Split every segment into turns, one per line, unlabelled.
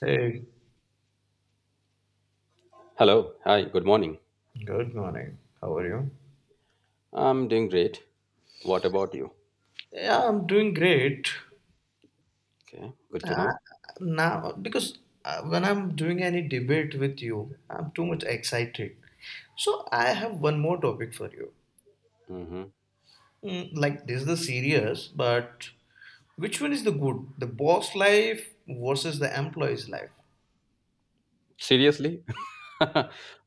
Hey,
Hello. Hi. Good morning.
good morning. How are you?
I'm doing great. What about you?
Yeah, I'm doing great.
Okay. Good to
Uh,
know.
now because when I'm doing any debate with you, I'm too much excited. So I have one more topic for you.
Hmm.
Like this is the serious, but which one is the good? The boss life versus the employee's life?
Seriously?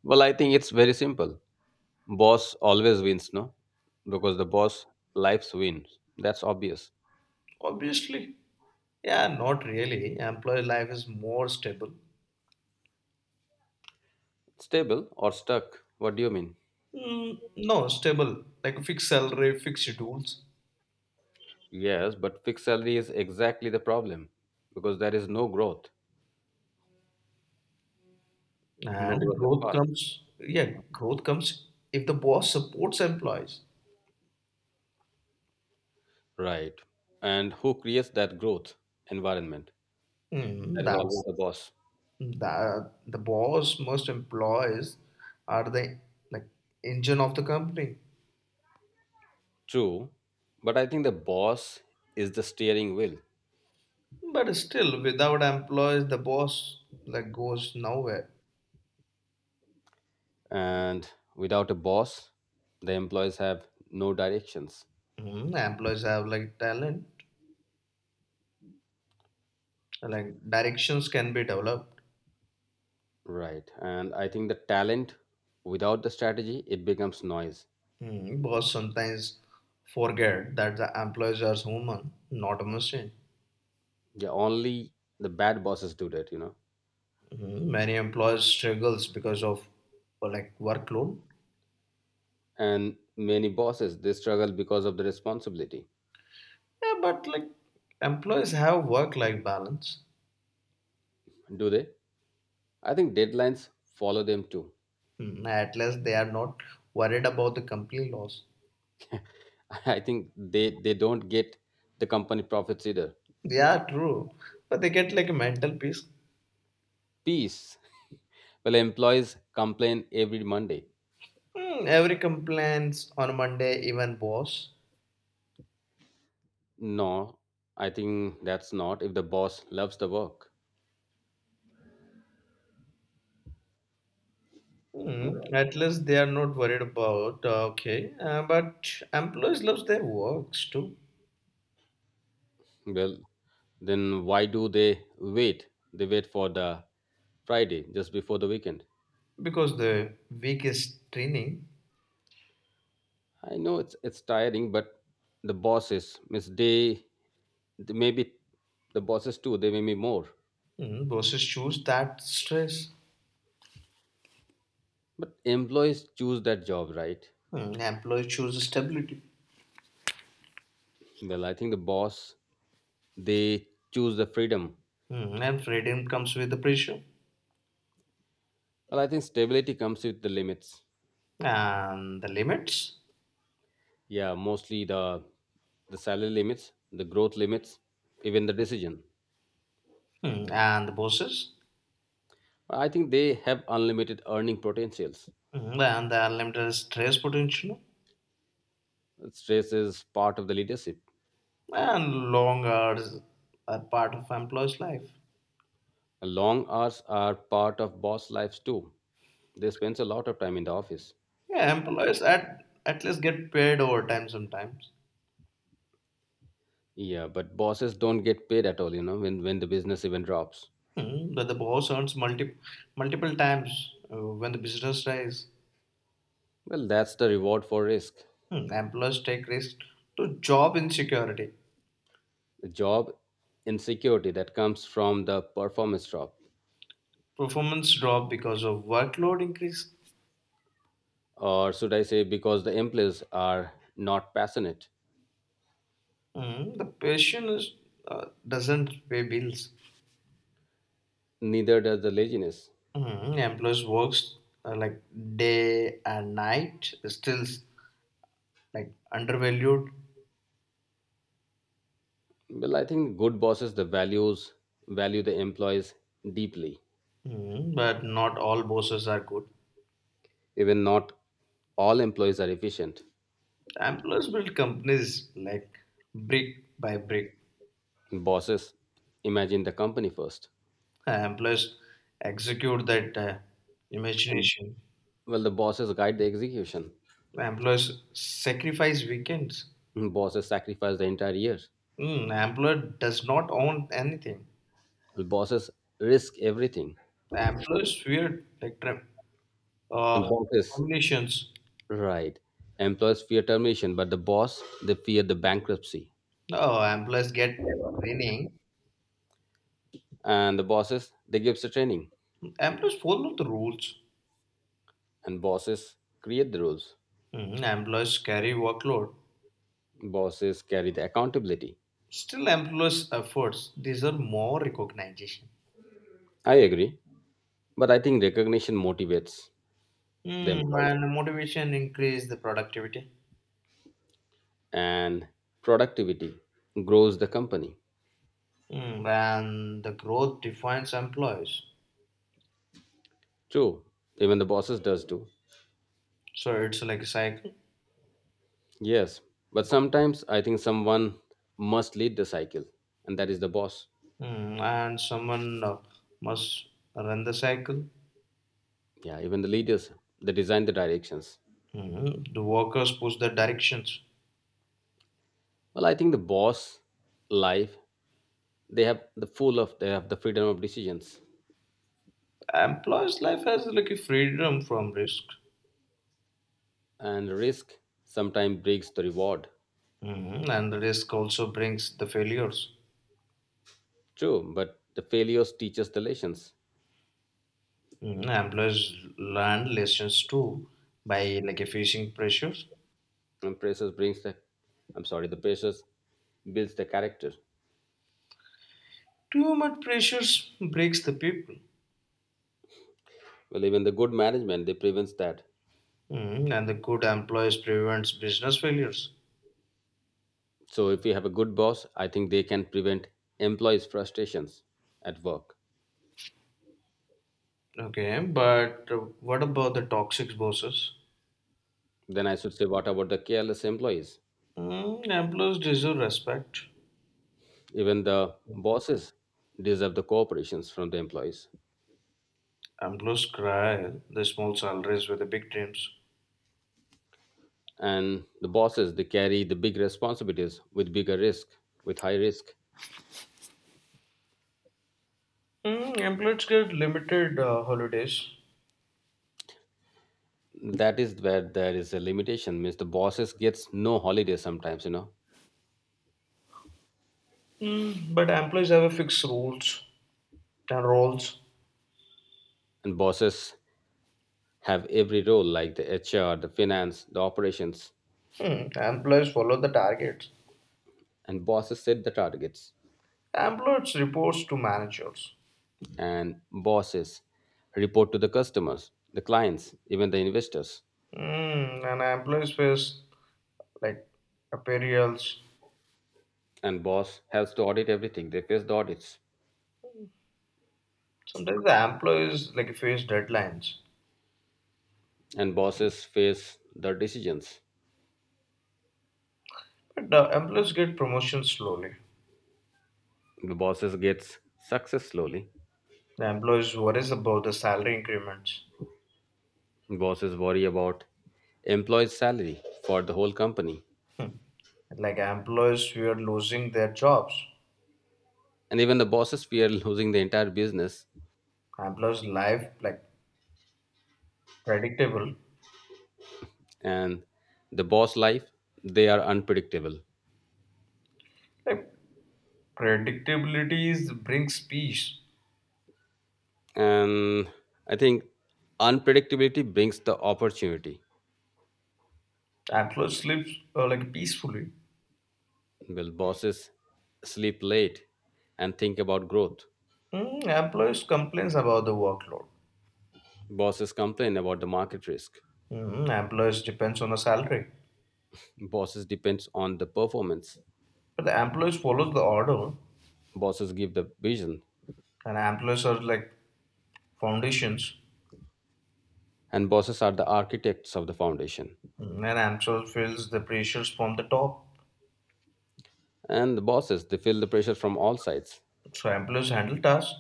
Well, I think it's very simple. Boss always wins, no? Because the boss lives wins. That's obvious.
Obviously, yeah, not really. Employee life is more stable.
Stable or stuck? What do you mean?
Mm, no, stable. Like a fixed salary, fixed schedules.
Yes, but fixed salary is exactly the problem because there is no growth. No
And
growth at
growth
fast.
comes, yeah, growth comes if the boss supports employees.
Right. And who creates that growth environment? That is always
That's
the boss.
that the boss must employees are the like engine of the company.
True, but I think the boss is the steering wheel,
But still, without employees, the boss like goes nowhere.
and without a boss, the employees have no directions.
Employees have like talent, like directions can be developed.
Right, and I think the talent without the strategy it becomes noise.
Boss sometimes forget that the employees are human, not a machine.
Yeah, only the bad bosses do that, you know.
Mhm. Many employers struggles because of like workload.
And many bosses they struggle because of the responsibility.
Yeah, but like employees have work-life balance.
Do they? I think deadlines follow them too.
At least they are not worried about the company loss.
I think they don't get the company profits either.
Yeah, true, but they get like a mental peace.
Peace. Well, employees complain every Monday.
Every complaints on Monday, even boss.
No, I think that's not if the boss loves the work.
At least they are not worried about okay, but employees love their works too
Well, then why do they wait? They wait for the Friday just before the weekend.
because the week is training.
I know it's tiring, but the bosses, miss they maybe the bosses too. They may be more,
Bosses choose that stress.
but employees choose that job, right?
Employee chooses stability.
Well, I think the boss they choose the freedom.
And freedom comes with the pressure,
Well, I think stability comes with the limits.
and the limits.
Yeah, mostly the salary limits the growth limits even the decision.
And the bosses,
I think they have unlimited earning potentials.
And the unlimited stress potential,
Stress is part of the leadership.
and long hours are part of employees' life.
Long hours are part of boss lives too. They spend a lot of time in the office.
Yeah, employees at least get paid overtime sometimes.
Yeah, but bosses don't get paid at all, you know, when the business even drops.
But the boss earns multiple times when the business rise.
Well, that's the reward for risk.
Employees take risk to job insecurity,
The job insecurity that comes from the performance drop,
performance drop because of workload increase.
or should I say because the employees are not passionate.
The question is, doesn't pay bills.
Neither does the laziness.
Employees works like day and night, still like undervalued.
Well, I think good bosses the values value the employees deeply.
But not all bosses are good.
Even not all employees are efficient.
Employees build companies like brick by brick.
Bosses imagine the company first.
Employees execute that imagination.
Well, the bosses guide the execution.
Employees sacrifice weekends.
Bosses sacrifice the entire year.
Employer does not own anything.
Well, bosses risk everything.
Employees fear like
And
uh,
bosses,
terminations.
right? Employees fear termination, but the boss they fear the bankruptcy.
No, employees get training.
And the bosses they gives the training.
Employees follow the rules.
And bosses create the rules.
Mhm. Employees carry workload.
Bosses carry the accountability.
Still, employees' efforts deserve more recognition.
I agree, but I think recognition motivates the employee,
And motivation increase the productivity.
and productivity grows the company.
And the growth defines employees.
True, even the bosses does too.
So it's like a cycle.
Yes, but sometimes I think someone must lead the cycle, and that is the boss.
And someone must run the cycle.
Yeah, even the leaders, they design the directions.
Mhm. The workers push the directions.
Well, I think the boss life, they have the full of they have the freedom of decisions,
Employees' life has like a freedom from risk.
and risk sometimes breaks the reward.
Mhm. And the risk also brings the failures.
True, but the failures teaches the lessons.
Mhm. Employers learn lessons too by like facing pressures.
And pressures brings the I'm sorry, the pressures builds the character.
Too much pressures breaks the people.
Well, even the good management they prevents that.
Mhm. And the good employees prevents business failures.
So if you have a good boss, I think they can prevent employees' frustrations at work.
Okay, but what about the toxic bosses?
Then I should say, what about the careless employees?
Employees deserve respect.
Even the bosses deserve the cooperations from the employees.
Employees cry the small salaries with the big dreams.
And the bosses they carry the big responsibilities with bigger risk, with high risk.
Employees get limited holidays.
That is where there is a limitation. Means the bosses gets no holiday sometimes, you know.
But employees have a fixed rules and roles.
And bosses have every role like the HR, the finance, the operations,
Employees follow the targets.
and bosses set the targets.
Employees reports to managers.
And bosses report to the customers, the clients, even the investors.
And employees face like appraisals.
And boss has to audit everything. They face the audits.
Sometimes the employees like face deadlines.
And bosses face the decisions.
But the employees get promotions slowly.
The bosses gets success slowly.
The employees worries about the salary increments.
Bosses worry about employees' salary for the whole company.
Like employees who are losing their jobs.
And even the bosses fear losing the entire business.
Employees life like predictable.
And the boss life, they are unpredictable,
Like predictability is brings peace.
and I think unpredictability brings the opportunity.
Employees sleep like peacefully.
Will bosses sleep late and think about growth?
Employees complains about the workload.
Bosses complain about the market risk.
Employees depends on the salary,
Bosses depends on the performance.
but the employees follows the order,
Bosses give the vision,
and employees are like foundations.
and bosses are the architects of the foundation.
And employees feels the pressures from the top.
And the bosses they feel the pressure from all sides,
So employees handle tasks,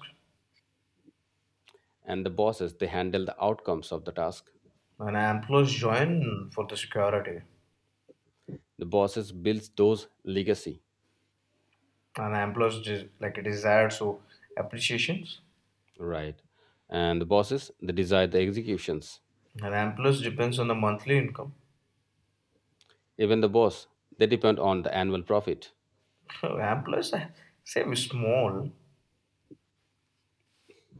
and the bosses they handle the outcomes of the task.
and employees join for the security,
The bosses builds those legacy,
and employees like desire so appreciations,
right, and the bosses they desire the executions.
and employees depends on the monthly income.
Even the boss, they depend on the annual profit.
Employees save small,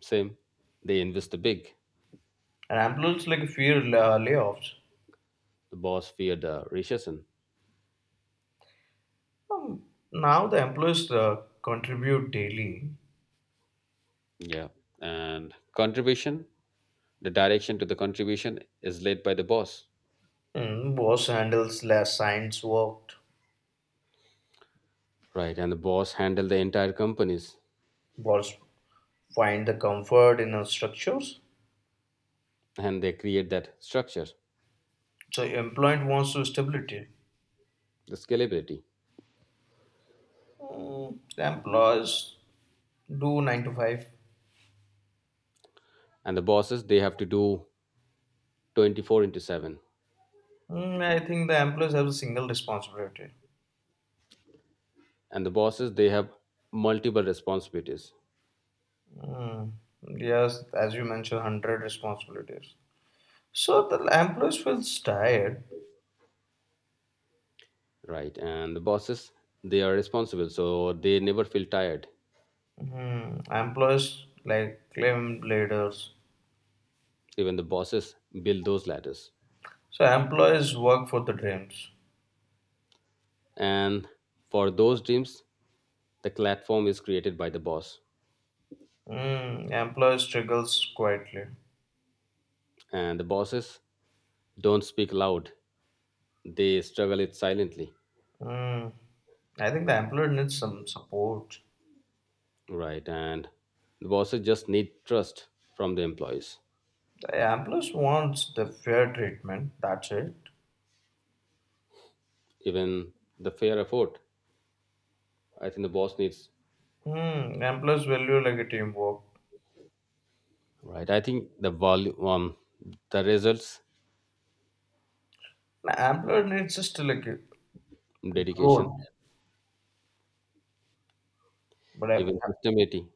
Same, they invest the big.
and employees like fear layoffs.
The boss feared the recession.
Um, now the employees contribute daily.
Yeah. And contribution, the direction to the contribution is led by the boss.
Boss handles less science work.
Right. And the boss handle the entire companies,
Boss find the comfort in our structures.
and they create that structure,
So employee wants to stability.
the scalability.
The employees do nine to five.
And the bosses, they have to do 24 into 7.
I think the employees have a single responsibility.
And the bosses, they have multiple responsibilities.
Mm, yes, as you mentioned, hundred responsibilities. So the employees feels tired.
Right. And the bosses, they are responsible. So they never feel tired.
Employees like claim leaders.
Even the bosses build those ladders,
So employees work for the dreams.
and for those dreams the platform is created by the boss.
Employer struggles quietly.
And the bosses don't speak loud, they struggle it silently.
Mm, I think the employer needs some support.
Right, and the bosses just need trust from the employees.
The employees wants the fair treatment. That's it.
Even the fair effort, I think the boss needs.
Employees value like a teamwork.
Right, I think the volume the results,
The employer needs just like a
dedication,
growth, but, I-
even sustainability.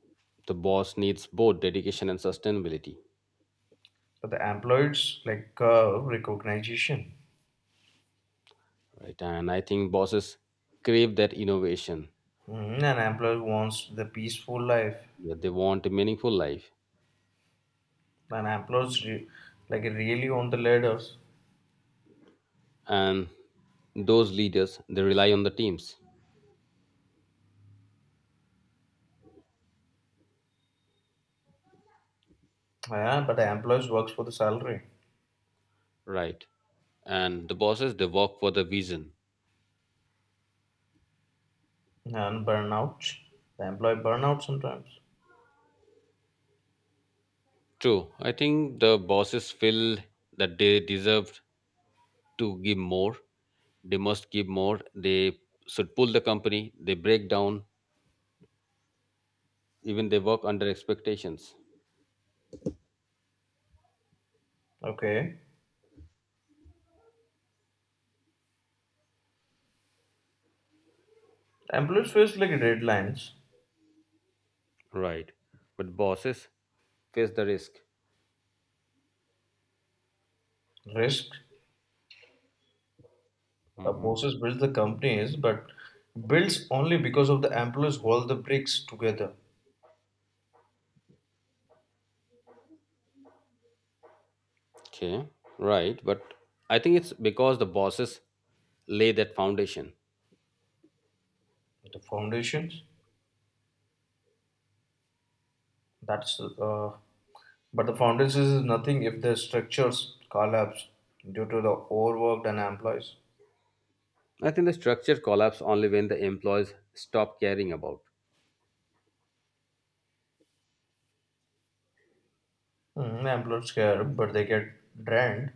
The boss needs both dedication and sustainability.
but the employees like recognition.
Right. And I think bosses crave that innovation.
An employer wants the peaceful life.
Yeah, they want a meaningful life.
An employees like really on the ladders.
And those leaders, they rely on the teams.
Yeah, but the employees works for the salary.
Right. And the bosses, they work for the vision.
And burnout, the employee burnout sometimes.
True. I think the bosses feel that they deserve to give more. They must give more. They should pull the company. They break down. Even they work under expectations.
Okay. Employees face like deadlines,
Right. But bosses face the risk.
risk. A
Mhm.
bosses builds the companies, but builds only because of the employees hold the bricks together.
Okay, right. But I think it's because the bosses lay that foundation.
The foundations. That's But the foundations is nothing if the structures collapse due to the overworked and employees.
I think the structure collapse only when the employees stop caring about.
Employees care, but they get drained.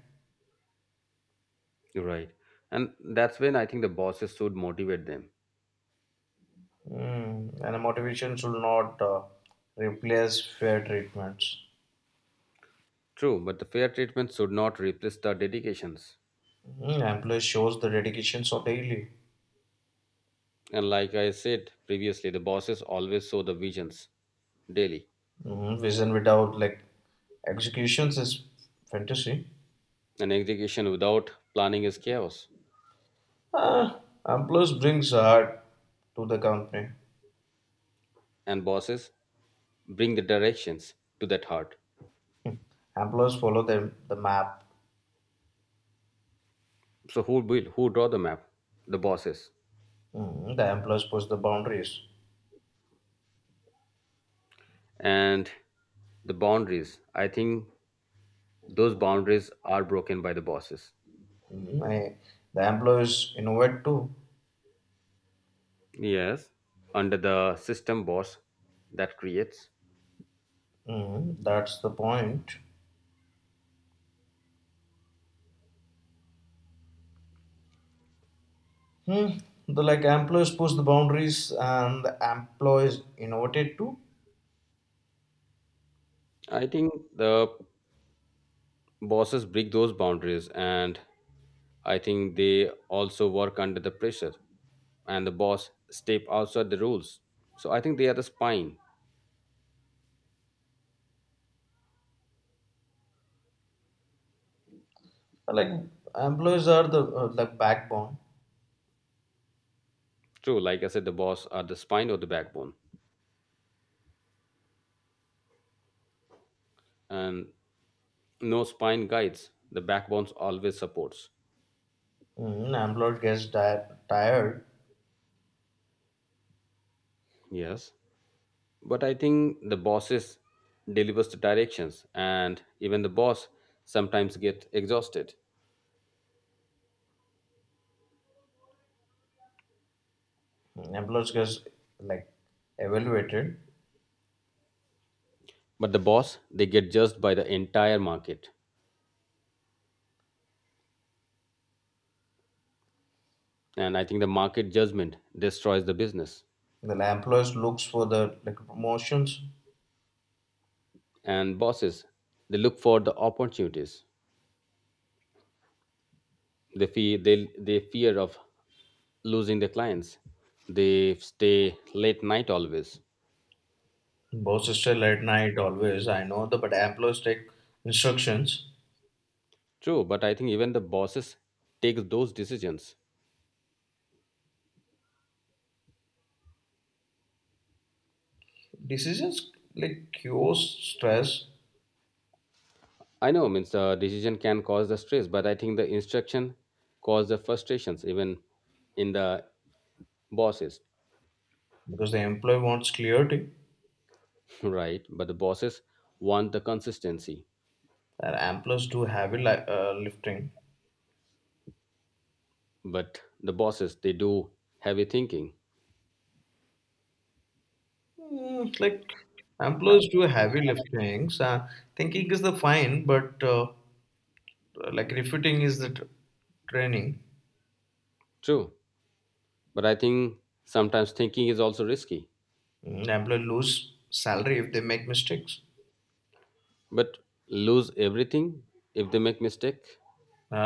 Right. And that's when I think the bosses should motivate them.
And motivation should not replace fair treatments.
True, but the fair treatment should not replace the dedications.
Ampler shows the dedication so daily.
And like I said previously, the bosses always show the visions daily.
Vision without like executions is fantasy.
An execution without planning is chaos.
Ah, Ampler's brings art to the company.
And bosses bring the directions to that heart.
Employees follow the map.
So who will who draw the map? The bosses.
The employees push the boundaries.
And the boundaries, I think those boundaries are broken by the bosses.
Mm, I, the employees innovate too.
Yes, under the system boss that creates.
That's the point. Hmm. The like employees push the boundaries and the employees innovated too.
I think the bosses break those boundaries, and I think they also work under the pressure, and the boss step outside the rules, so I think they are the spine.
Like employees are the backbone.
True, like I said, the boss are the spine or the backbone, and no spine guides the backbone always supports.
Employed gets tired.
Yes. But I think the bosses delivers the directions, and even the boss sometimes get exhausted.
Employees gets like evaluated.
But the boss, they get judged by the entire market. And I think the market judgment destroys the business.
The employees looks for the like promotions.
And bosses, they look for the opportunities. They fear they fear of losing their clients. They stay late night always.
Boss is still at night always. I know the but employees take instructions.
True, but I think even the bosses take those decisions.
Decisions like cure stress
I know, means the decision can cause the stress, but I think the instruction cause the frustrations even in the bosses.
because the employee wants clarity.
Right? But the bosses want the consistency,
And employees do heavy lifting.
but the bosses they do heavy thinking.
It's like employees do heavy liftings. Thinking is the fine, but like refuting is the tr training.
True. But I think sometimes thinking is also risky.
Employee lose salary if they make mistakes.
But lose everything if they make mistake.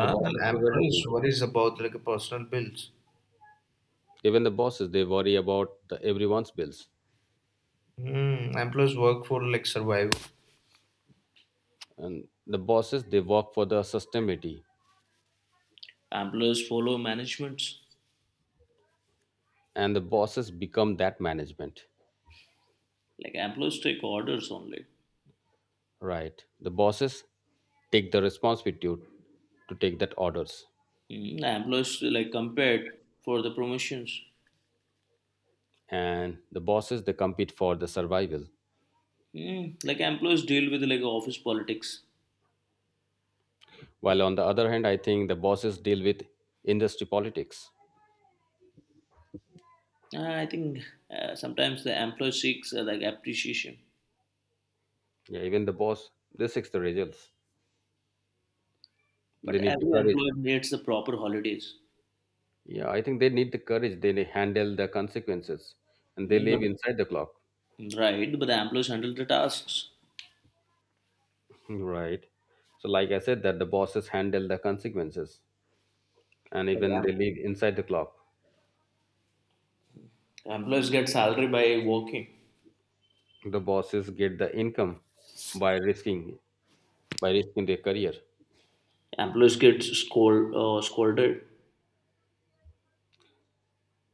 The
And
bosses lose everything.
employees worries about like personal bills.
Even the bosses they worry about the everyone's bills,
Employees work for like survival.
and the bosses they work for the sustainability,
Employees follow managements.
and the bosses become that management.
Like employees take orders only.
Right, the bosses take the responsibility to take that orders,
Employees like compared for the promotions.
and the bosses they compete for the survival,
Like employees deal with like office politics.
while on the other hand I think the bosses deal with industry politics.
I think sometimes the employee seeks like appreciation,
Yeah, even the boss they seek the results. They
but
need the
every
courage.
employee needs the proper holidays.
Yeah, I think they need the courage, they handle the consequences, and they
But
live inside the clock.
right, but the employees handle the tasks.
Right, so like I said that the bosses handle the consequences, and
Like
even they live inside the clock.
employees get salary by working.
The bosses get the income by risking their career.
Employees get scolded,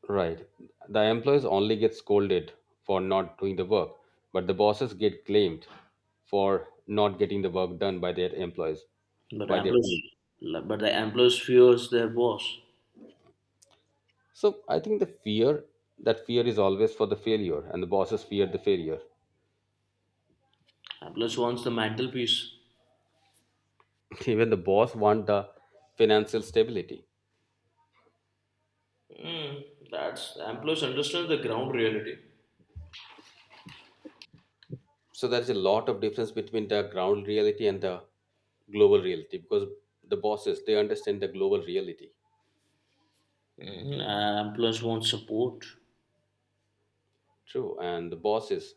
Right, the employees only get scolded for not doing the work, but the bosses get claimed for not getting the work done by their employees,
but
by their
employees,
team.
but the employees fears their boss.
So I think the fear, that fear is always for the failure, and the bosses fear the failure.
Employees wants the mental peace.
Even the boss want the financial stability.
Mm, that's employees understand the ground reality.
So there is a lot of difference between the ground reality and the global reality because the bosses they understand the global reality.
Employees want support.
True, and the bosses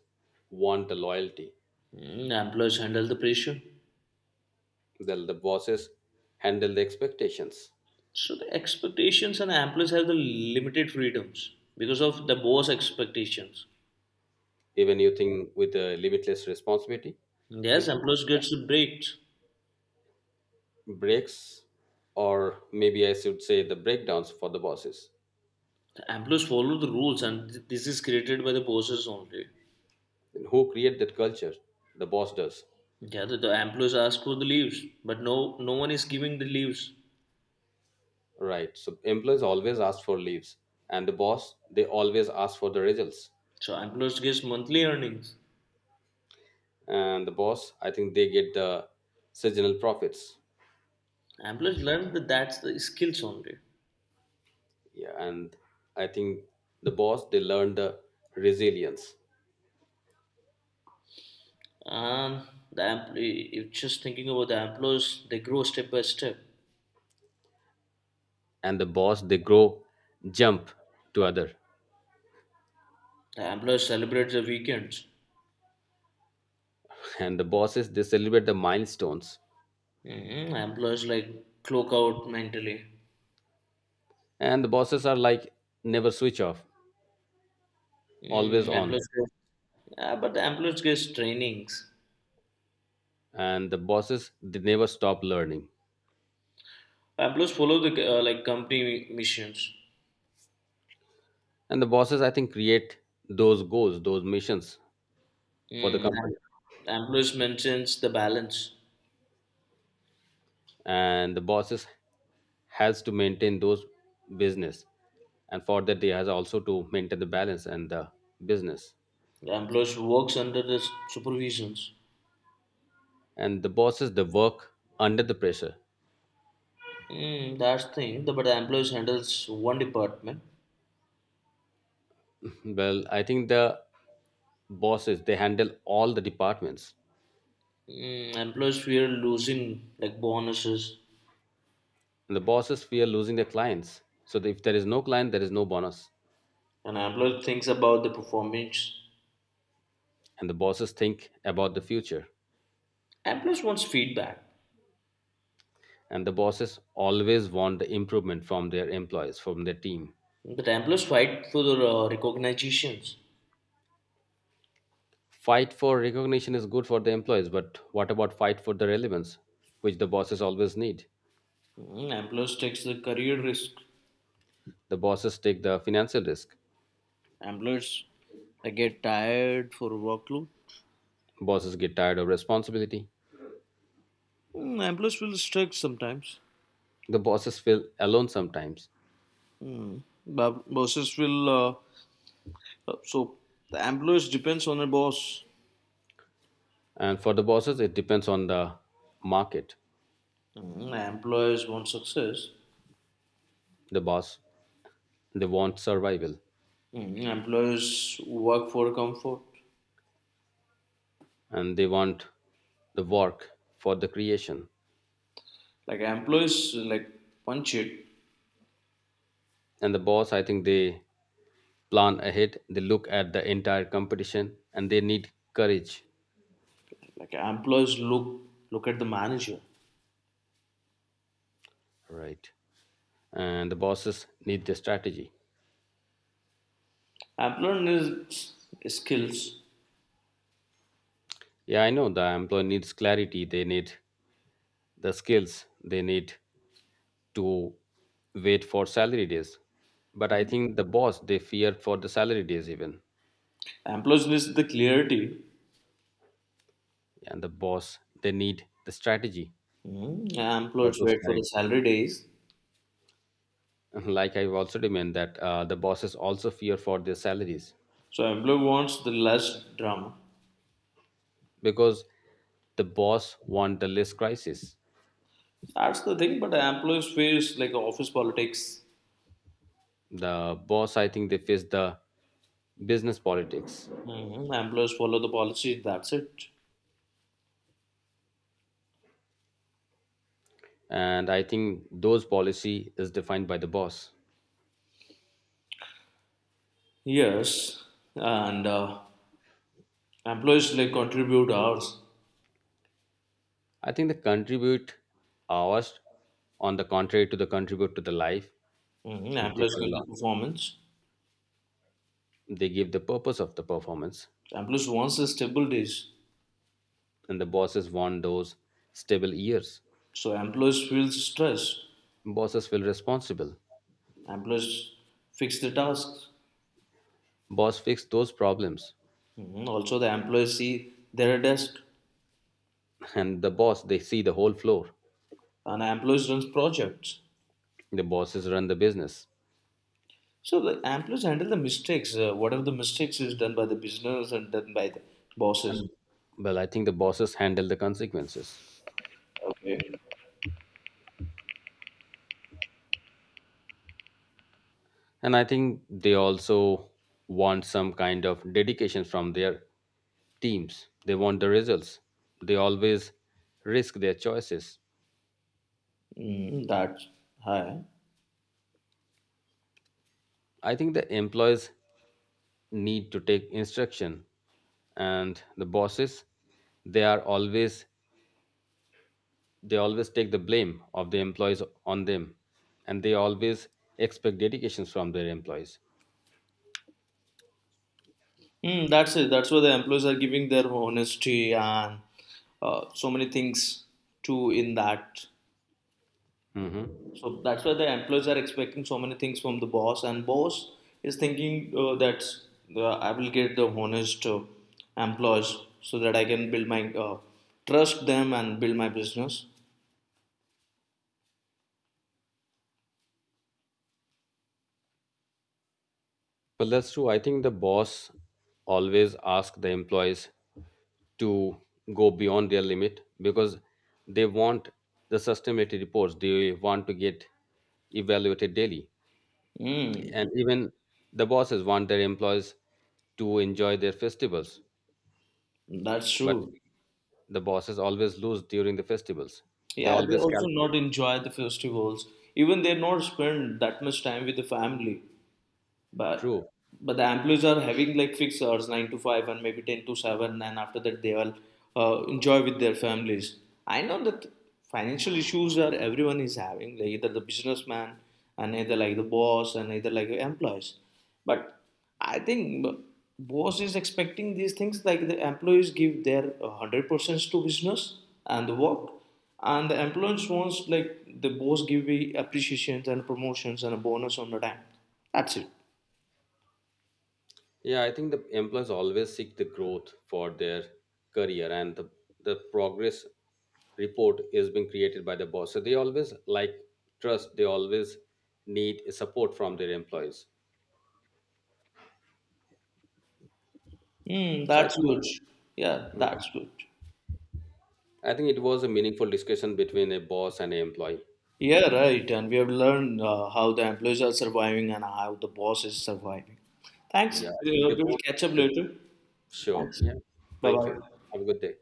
want the loyalty.
Employees handle the pressure.
The bosses handle the expectations.
So the expectations and employees have the limited freedoms because of the boss expectations.
Even you think with the limitless responsibility,
Yes,
with the
employees gets the breaks.
breaks, or maybe I should say the breakdowns for the bosses.
The employees follow the rules, and this is created by the bosses only.
And who create that culture? The boss does.
Yeah, the employees ask for the leaves, but no one is giving the leaves.
Right, so employees always ask for leaves, and the boss they always ask for the results.
So employees gets monthly earnings.
And the boss I think they get the seasonal profits.
Employees learn that that's the skills only.
Yeah, and I think the boss they learn the resilience.
And the employee, if just thinking about the employees, they grow step by step.
And the boss they grow jump to other.
The employees celebrate the weekends.
And the bosses they celebrate the milestones.
Hmm. Employees like clock out mentally.
And the bosses are like never switch off, always
Mm,
on.
employees, yeah, but the employees gets trainings.
And the bosses they never stop learning,
Employees follow the like company missions.
and the bosses I think create those goals, those missions for the
Mm.
company.
Employees maintains the balance.
And the bosses has to maintain those business, and for that they has also to maintain the balance and the business.
The employees works under the supervisions.
And the bosses they work under the pressure.
But the employees handles one department.
Well, I think the bosses they handle all the departments.
Employees fear losing like bonuses,
And the bosses fear losing their clients, so if there is no client there is no bonus.
and employees thinks about the performance.
And the bosses think about the future.
Employees wants feedback.
And the bosses always want the improvement from their employees, from their team.
But employees fight for the recognitions.
Fight for recognition is good for the employees, but what about fight for the relevance, which the bosses always need?
Employees takes the career risk.
The bosses take the financial risk.
Employees I get tired for workload.
Bosses get tired of responsibility.
Employees will strike sometimes.
The bosses feel alone sometimes.
Bosses will so the employees depends on the boss.
And for the bosses, it depends on the market.
Employers want success.
The boss, they want survival,
Employers work for comfort.
and they want the work for the creation.
Like employees, like punch it.
And the boss, I think they plan ahead, they look at the entire competition and they need courage.
Like employees look at the manager.
Right. And the bosses need the strategy.
Employer needs skills.
Yeah, I know the employee needs clarity, they need the skills, they need to wait for salary days, but I think the boss they fear for the salary days even.
Employees needs the clarity.
And the boss they need the strategy for
Employers
those
wait for the
clarity.
salary days.
Like I've also demand that the bosses also fear for their salaries
So employer wants the less drama.
because the boss want the less crisis.
That's the thing. But employees face like office politics.
The boss I think they face the business politics,
Employers follow the policy. That's it.
and I think those policy is defined by the boss.
Yes, and employees like contribute hours.
I think the contribute hours on the contrary to the contribute to the life
Hmm.
is
Employees
different a
give the
lot.
performance.
They give the purpose of the performance,
Employees wants a stable days.
and the bosses want those stable years.
So employees feels stress.
Bosses feel responsible.
Employees fix the tasks.
Boss fix those problems,
Mhm. Also the employees see their desk
and the boss they see the whole floor.
and employees runs projects.
The bosses run the business.
So the employees handle the mistakes. Whatever the mistakes is done by the business and done by the bosses.
And well, I think the bosses handle the consequences,
Okay.
and I think they also want some kind of dedication from their teams. They want the results, they always risk their choices.
That's high.
I think the employees need to take instruction, and the bosses they are always they always take the blame of the employees on them, and they always expect dedications from their employees.
That's it. That's why the employees are giving their honesty and so many things too in that.
Hmm.
So that's why the employees are expecting so many things from the boss, and boss is thinking I will get the honest employees so that I can build my trust them and build my business.
Well, that's true. I think the boss always ask the employees to go beyond their limit because they want the sustainability reports. They want to get evaluated daily,
Mm,
and even the bosses want their employees to enjoy their festivals.
that's
But
true.
the bosses always lose during the festivals. They
Yeah, they
always
also
calculate.
not enjoy the festivals. Even they not spend that much time with the family. But
True.
but the employees are having like fixed hours, 9 to 5 and maybe 10 to 7, and after that they will enjoy with their families. I know that financial issues are everyone is having, like either the businessman and either like the boss and either like employees. But I think boss is expecting these things like the employees give their 100% to business and the work, and the employees wants like the boss give me appreciations and promotions and a bonus on the time. That's it.
Yeah, I think the employees always seek the growth for their career and the progress report is being created by the boss, so they always like trust, they always need support from their employees.
Hmm,
So I
that's
think
good. Yeah,
Mhm.
that's good.
I think it was a meaningful discussion between a boss and an employee.
Yeah, right. And we have learned how the employees are surviving and how the boss is surviving. Thanks. Uh,
Yeah, I think they
We'll
both
catch up later.
sure,
Thanks.
yeah.
Bye
Thank you.
bye.
Have a good day.